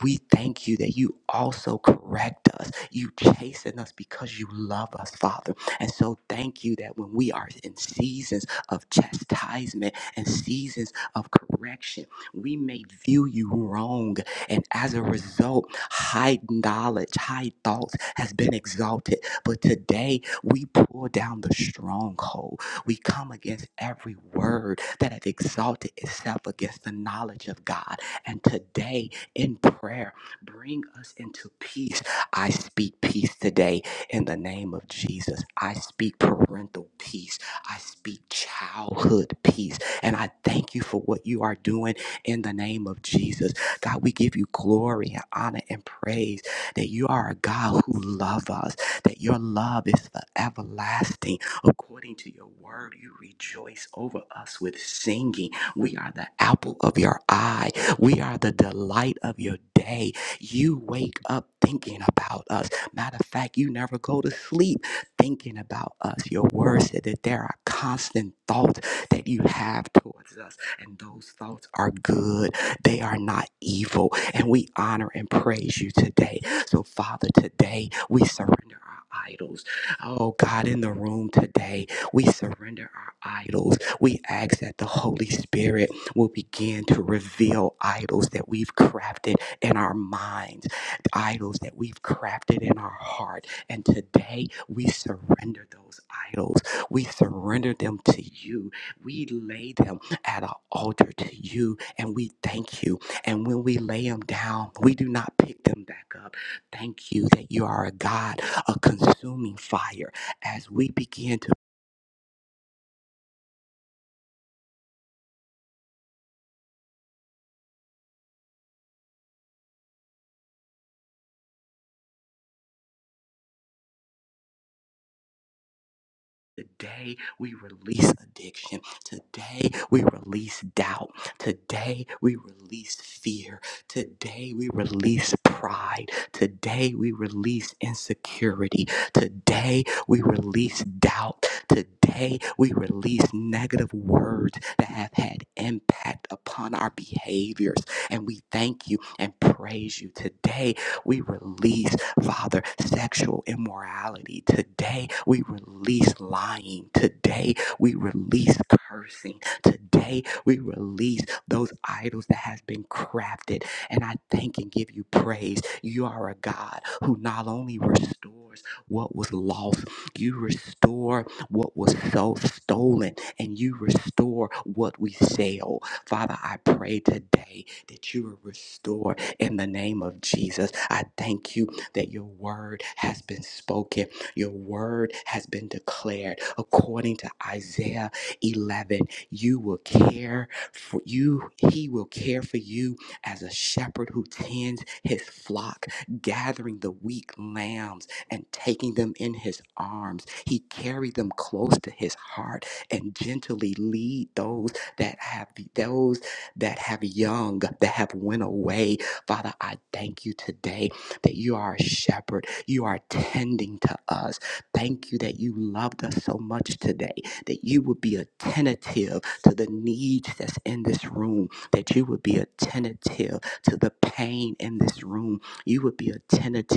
Speaker 2: we thank you that you also correct us. You chasten us because you love us, Father. And so thank you that when we are in seasons of chastisement and seasons of correction, we may view you wrong. And as a result, high knowledge, high thoughts has been exalted. But today we pull down the stronghold. We come against every word that have exalted itself against the knowledge of God. And today in prayer, bring us into peace. I speak peace today in the name of Jesus. I speak parental peace. I speak childhood peace. And I thank you for what you are doing in the name of Jesus. God, we give you glory and honor and praise that you are a God who loves us, that your love is foreverlasting According to your word, you rejoice over us with singing. We are the apple of your eye, we are the delight of your day. You wake up thinking about us. Matter of fact, you never go to sleep thinking about us. Your word said that there are constant thoughts that you have towards us, and those thoughts are good, they are not evil. And we honor and praise you today. So, Father, today we surrender our idols. Oh God, in the room today, we surrender our idols. We ask that the Holy Spirit will begin to reveal idols that we've crafted in our minds, idols that we've crafted in our heart. And today, we surrender those idols. We surrender them to you. We lay them at an altar to you, and we thank you. And when we lay them down, we do not pick them back up. Thank you that you are a God a consuming fire as we begin to. Today, we release addiction. Today, we release doubt. Today, we release fear. Today, we release pride. Today, we release insecurity. Today, we release doubt. Today, we release negative words that have had impact upon our behaviors. And we thank you and praise you today We release, Father, sexual immorality. Today, we release lying. Today, we release cursing. Today, we release those idols that has been crafted. And I thank and give you praise. You are a God who not only restores what was lost, you restore what was so stolen, and you restore what we sell. Father, I pray today that you will restore in the name of Jesus. I thank you that your word has been spoken, your word has been declared. According to Isaiah 11, you will care for you, he will care for you as a shepherd who tends his flock, gathering the weak lambs and taking them in his arms. He carried them close to his heart and gently lead those that have those that have young, that have went away Father, I thank you today that you are a shepherd. You are tending to us. Thank you that you loved us so much today, that you would be attentive to the needs that's in this room, that you would be attentive to the pain in this room. You would be attentive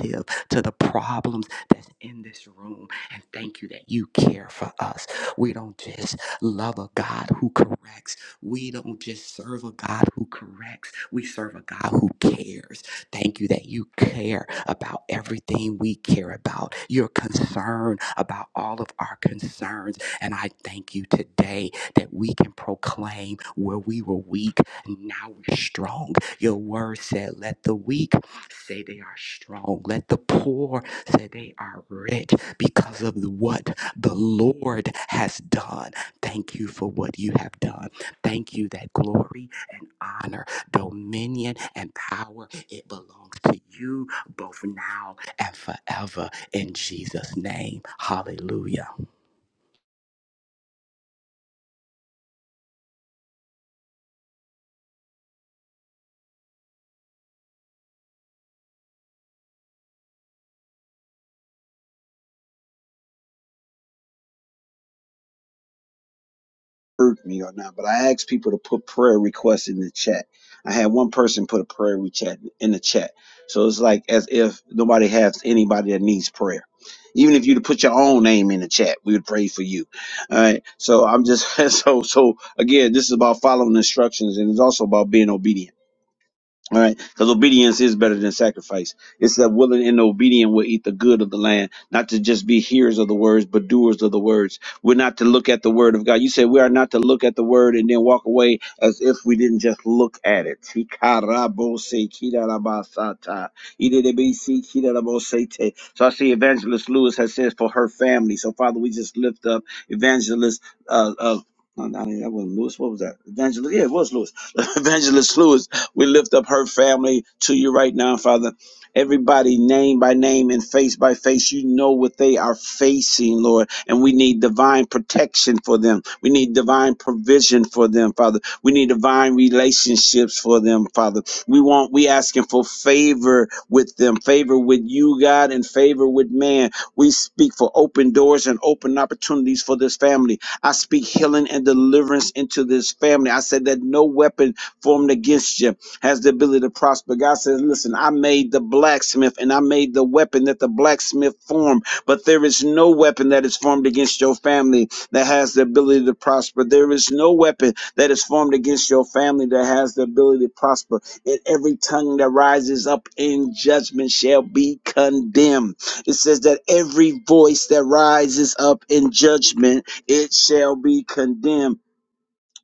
Speaker 2: to the problems that's in this room. And thank you that you care for us. We don't just love a God who corrects we don't just serve a God who corrects, we serve a God who cares. Thank you that you care about everything we care about. You're concerned about all of our concerns. And I thank you today that we can proclaim where we were weak, now we're strong. Your word said, Let the weak say they are strong, let the poor say they are rich because of what the Lord has done. Thank you for what you have done. Thank you that glory and honor, dominion and power, it belongs to you both now and forever in Jesus' name. Hallelujah.
Speaker 1: heard me or not, but I asked people to put prayer requests in the chat. I had one person put a prayer re- chat in the chat. So it's like as if nobody has anybody that needs prayer. Even if you to put your own name in the chat, we would pray for you. All right. So I'm just *laughs* so so again, this is about following instructions and it's also about being obedient. All right, because obedience is better than sacrifice. It's that willing and obedient will eat the good of the land, not to just be hearers of the words, but doers of the words. We're not to look at the word of God. You said we are not to look at the word and then walk away as if we didn't just look at it. Hikarabose kidarabasata, idedebisi kidarabosete. So I see Evangelist Lewis has said for her family. So Father, we just lift up Evangelist. Uh, uh, no, no, that wasn't Lewis. What was that? Evangelist. Yeah, it was Lewis. *laughs* Evangelist Lewis we lift up her family to you right now, Father. Everybody, name by name and face by face, you know what they are facing, Lord. And we need divine protection for them. We need divine provision for them, Father. We need divine relationships for them, Father. We want, we asking for favor with them, favor with you, God, and favor with man. We speak for open doors and open opportunities for this family. I speak healing and deliverance into this family. I said that no weapon formed against you has the ability to prosper. God says, Listen, I made the blacksmith and I made the weapon that the blacksmith formed, but there is no weapon that is formed against your family that has the ability to prosper. There is no weapon that is formed against your family that has the ability to prosper. And every tongue that rises up in judgment shall be condemned. It says that every voice that rises up in judgment, it shall be condemned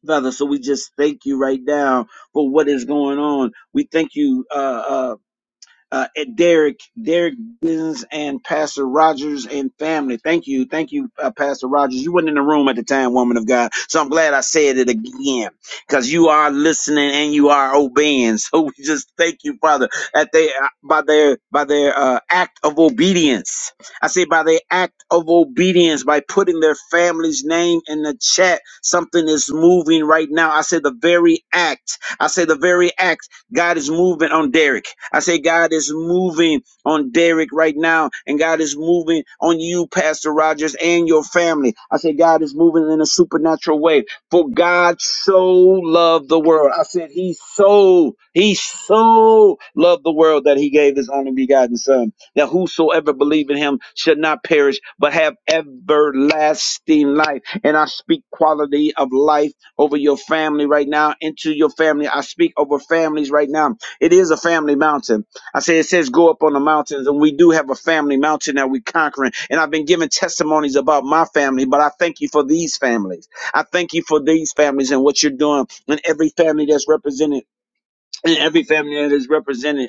Speaker 1: Father. So we just thank you right now for what is going on. We thank you, uh, uh, uh, at Derek, Derek Bins and Pastor Rogers and family. Thank you. Thank you, uh, Pastor Rogers. You weren't in the room at the time, woman of God. So I'm glad I said it again because you are listening and you are obeying. *laughs* So we just thank you, Father, that they, uh, by their, by their uh, act of obedience. I say by their act of obedience, by putting their family's name in the chat, something is moving right now. I say the very act. I say the very act. God is moving on Derek. I say God is moving on Derek right now, and God is moving on you, Pastor Rogers, and your family. I say God is moving in a supernatural way. For God so loved the world. I said He so He so loved the world that He gave His only begotten Son, that whosoever believe in Him should not perish but have everlasting life. And I speak quality of life over your family right now, into your family. I speak over families right now. It is a family mountain. I say it says go up on the mountains, and we do have a family mountain that we're conquering. And I've been giving testimonies about my family, but I thank you for these families. I thank you for these families and what you're doing, and every family that's represented, and every family that is represented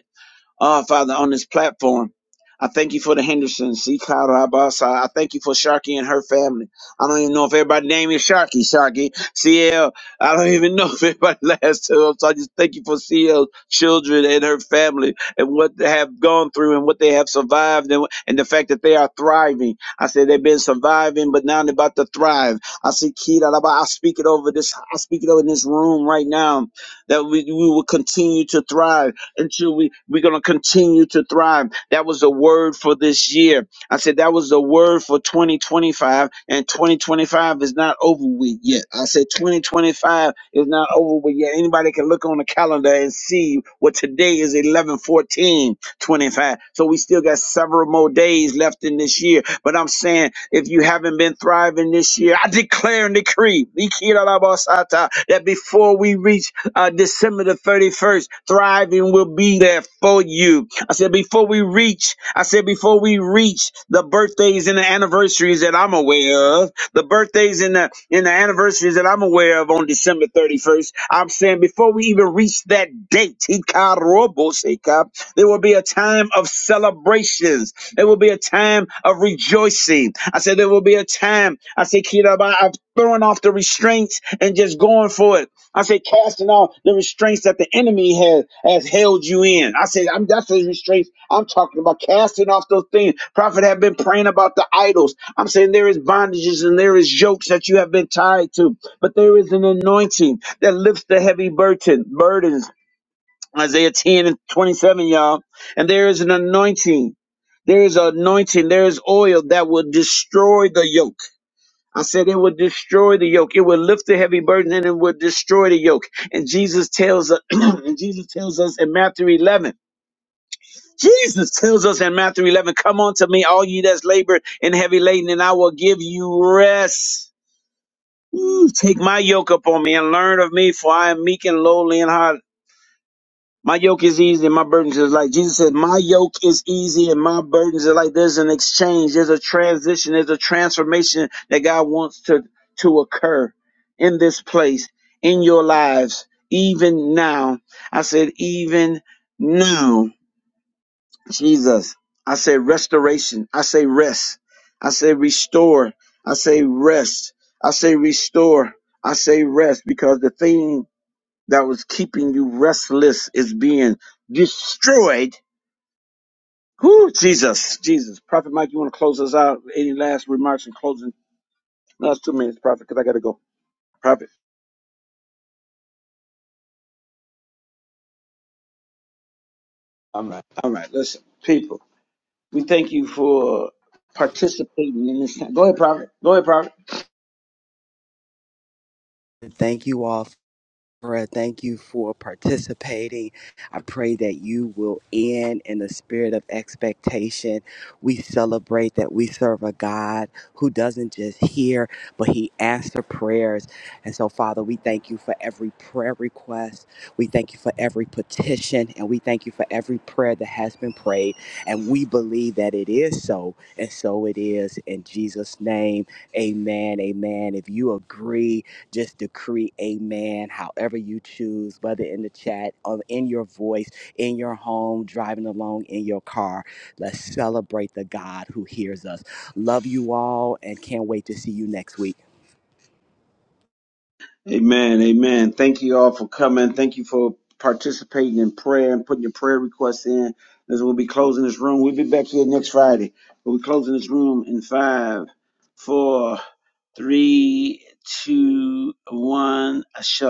Speaker 1: uh, Father, on this platform. I thank you for the Hendersons, C. Carabasa. I thank you for Sharkey and her family. I don't even know if everybody's name is Sharkey, Sharkey, CL. I don't *laughs* even know if everybody *laughs* last two. So I just thank you for CL's children and her family and what they have gone through and what they have survived and, and the fact that they are thriving. I said they've been surviving, but now they're about to thrive. I see Kira, I speak it over this, I speak it over this room right now that we, we will continue to thrive until we, we're going to continue to thrive. That was the word for this year. I said that was the word for 2025, and 2025 is not over with yet. I said 2025 is not over with yet. Anybody can look on the calendar and see what today is 11 14 25. So we still got several more days left in this year. But I'm saying if you haven't been thriving this year, I declare and decree Ikirarabasata, that before we reach uh, December the 31st. Thriving will be there for you. I said, before we reach, I said, before we reach the birthdays and the anniversaries that I'm aware of, the birthdays and the, and the anniversaries that I'm aware of on December 31st, I'm saying before we even reach that date, Ikaroboseka, there will be a time of celebrations. There will be a time of rejoicing. I said, there will be a time, I said, Kiraba, of throwing off the restraints and just going for it. I say casting off the restraints that the enemy has has held you in. I say I'm that's the restraints I'm talking about. Casting off those things. Prophet have been praying about the idols. I'm saying there is bondages and there is yokes that you have been tied to, but there is an anointing that lifts the heavy burden burdens. Isaiah 10 and 27, y'all. And there is an anointing. There is an anointing. There is oil that will destroy the yoke. I said it would destroy the yoke. It would lift the heavy burden and it would destroy the yoke. And Jesus tells us, *clears throat* and Jesus tells us in Matthew 11, Jesus tells us in Matthew 11, come unto me, all ye that's labored and heavy laden, and I will give you rest. Ooh, take my yoke upon me and learn of me, for I am meek and lowly in heart my yoke is easy and my burdens is light. Jesus said, My yoke is easy and my burdens are light. There's an exchange, there's a transition, there's a transformation that God wants to, to occur in this place, in your lives, even now. I said, Even now, Jesus. I said, Restoration. I say, Rest. I say, Restore. I say, Rest. I say, Restore. I say, Rest because the thing that was keeping you restless is being destroyed. Who Jesus, Jesus, Prophet Mike, you want to close us out? Any last remarks in closing? Last two minutes, Prophet, because I got to go. Prophet. All right, all right. Listen, people, we thank you for participating in this. Time. Go ahead, Prophet. Go ahead, Prophet.
Speaker 2: Thank you all Barbara, thank you for participating. I pray that you will end in the spirit of expectation. We celebrate that we serve a God who doesn't just hear, but He answers prayers. And so, Father, we thank you for every prayer request. We thank you for every petition, and we thank you for every prayer that has been prayed. And we believe that it is so, and so it is. In Jesus' name, amen. Amen. If you agree, just decree amen, however you choose, whether in the chat, or in your voice, in your home, driving along in your car. Let's celebrate the God who hears us. Love you all and can't wait to see you next week.
Speaker 1: Amen. Amen. Thank you all for coming. Thank you for participating in prayer and putting your prayer requests in. As we'll be closing this room, we'll be back here next Friday. We'll be closing this room in five, four, three, two, one. Shalom.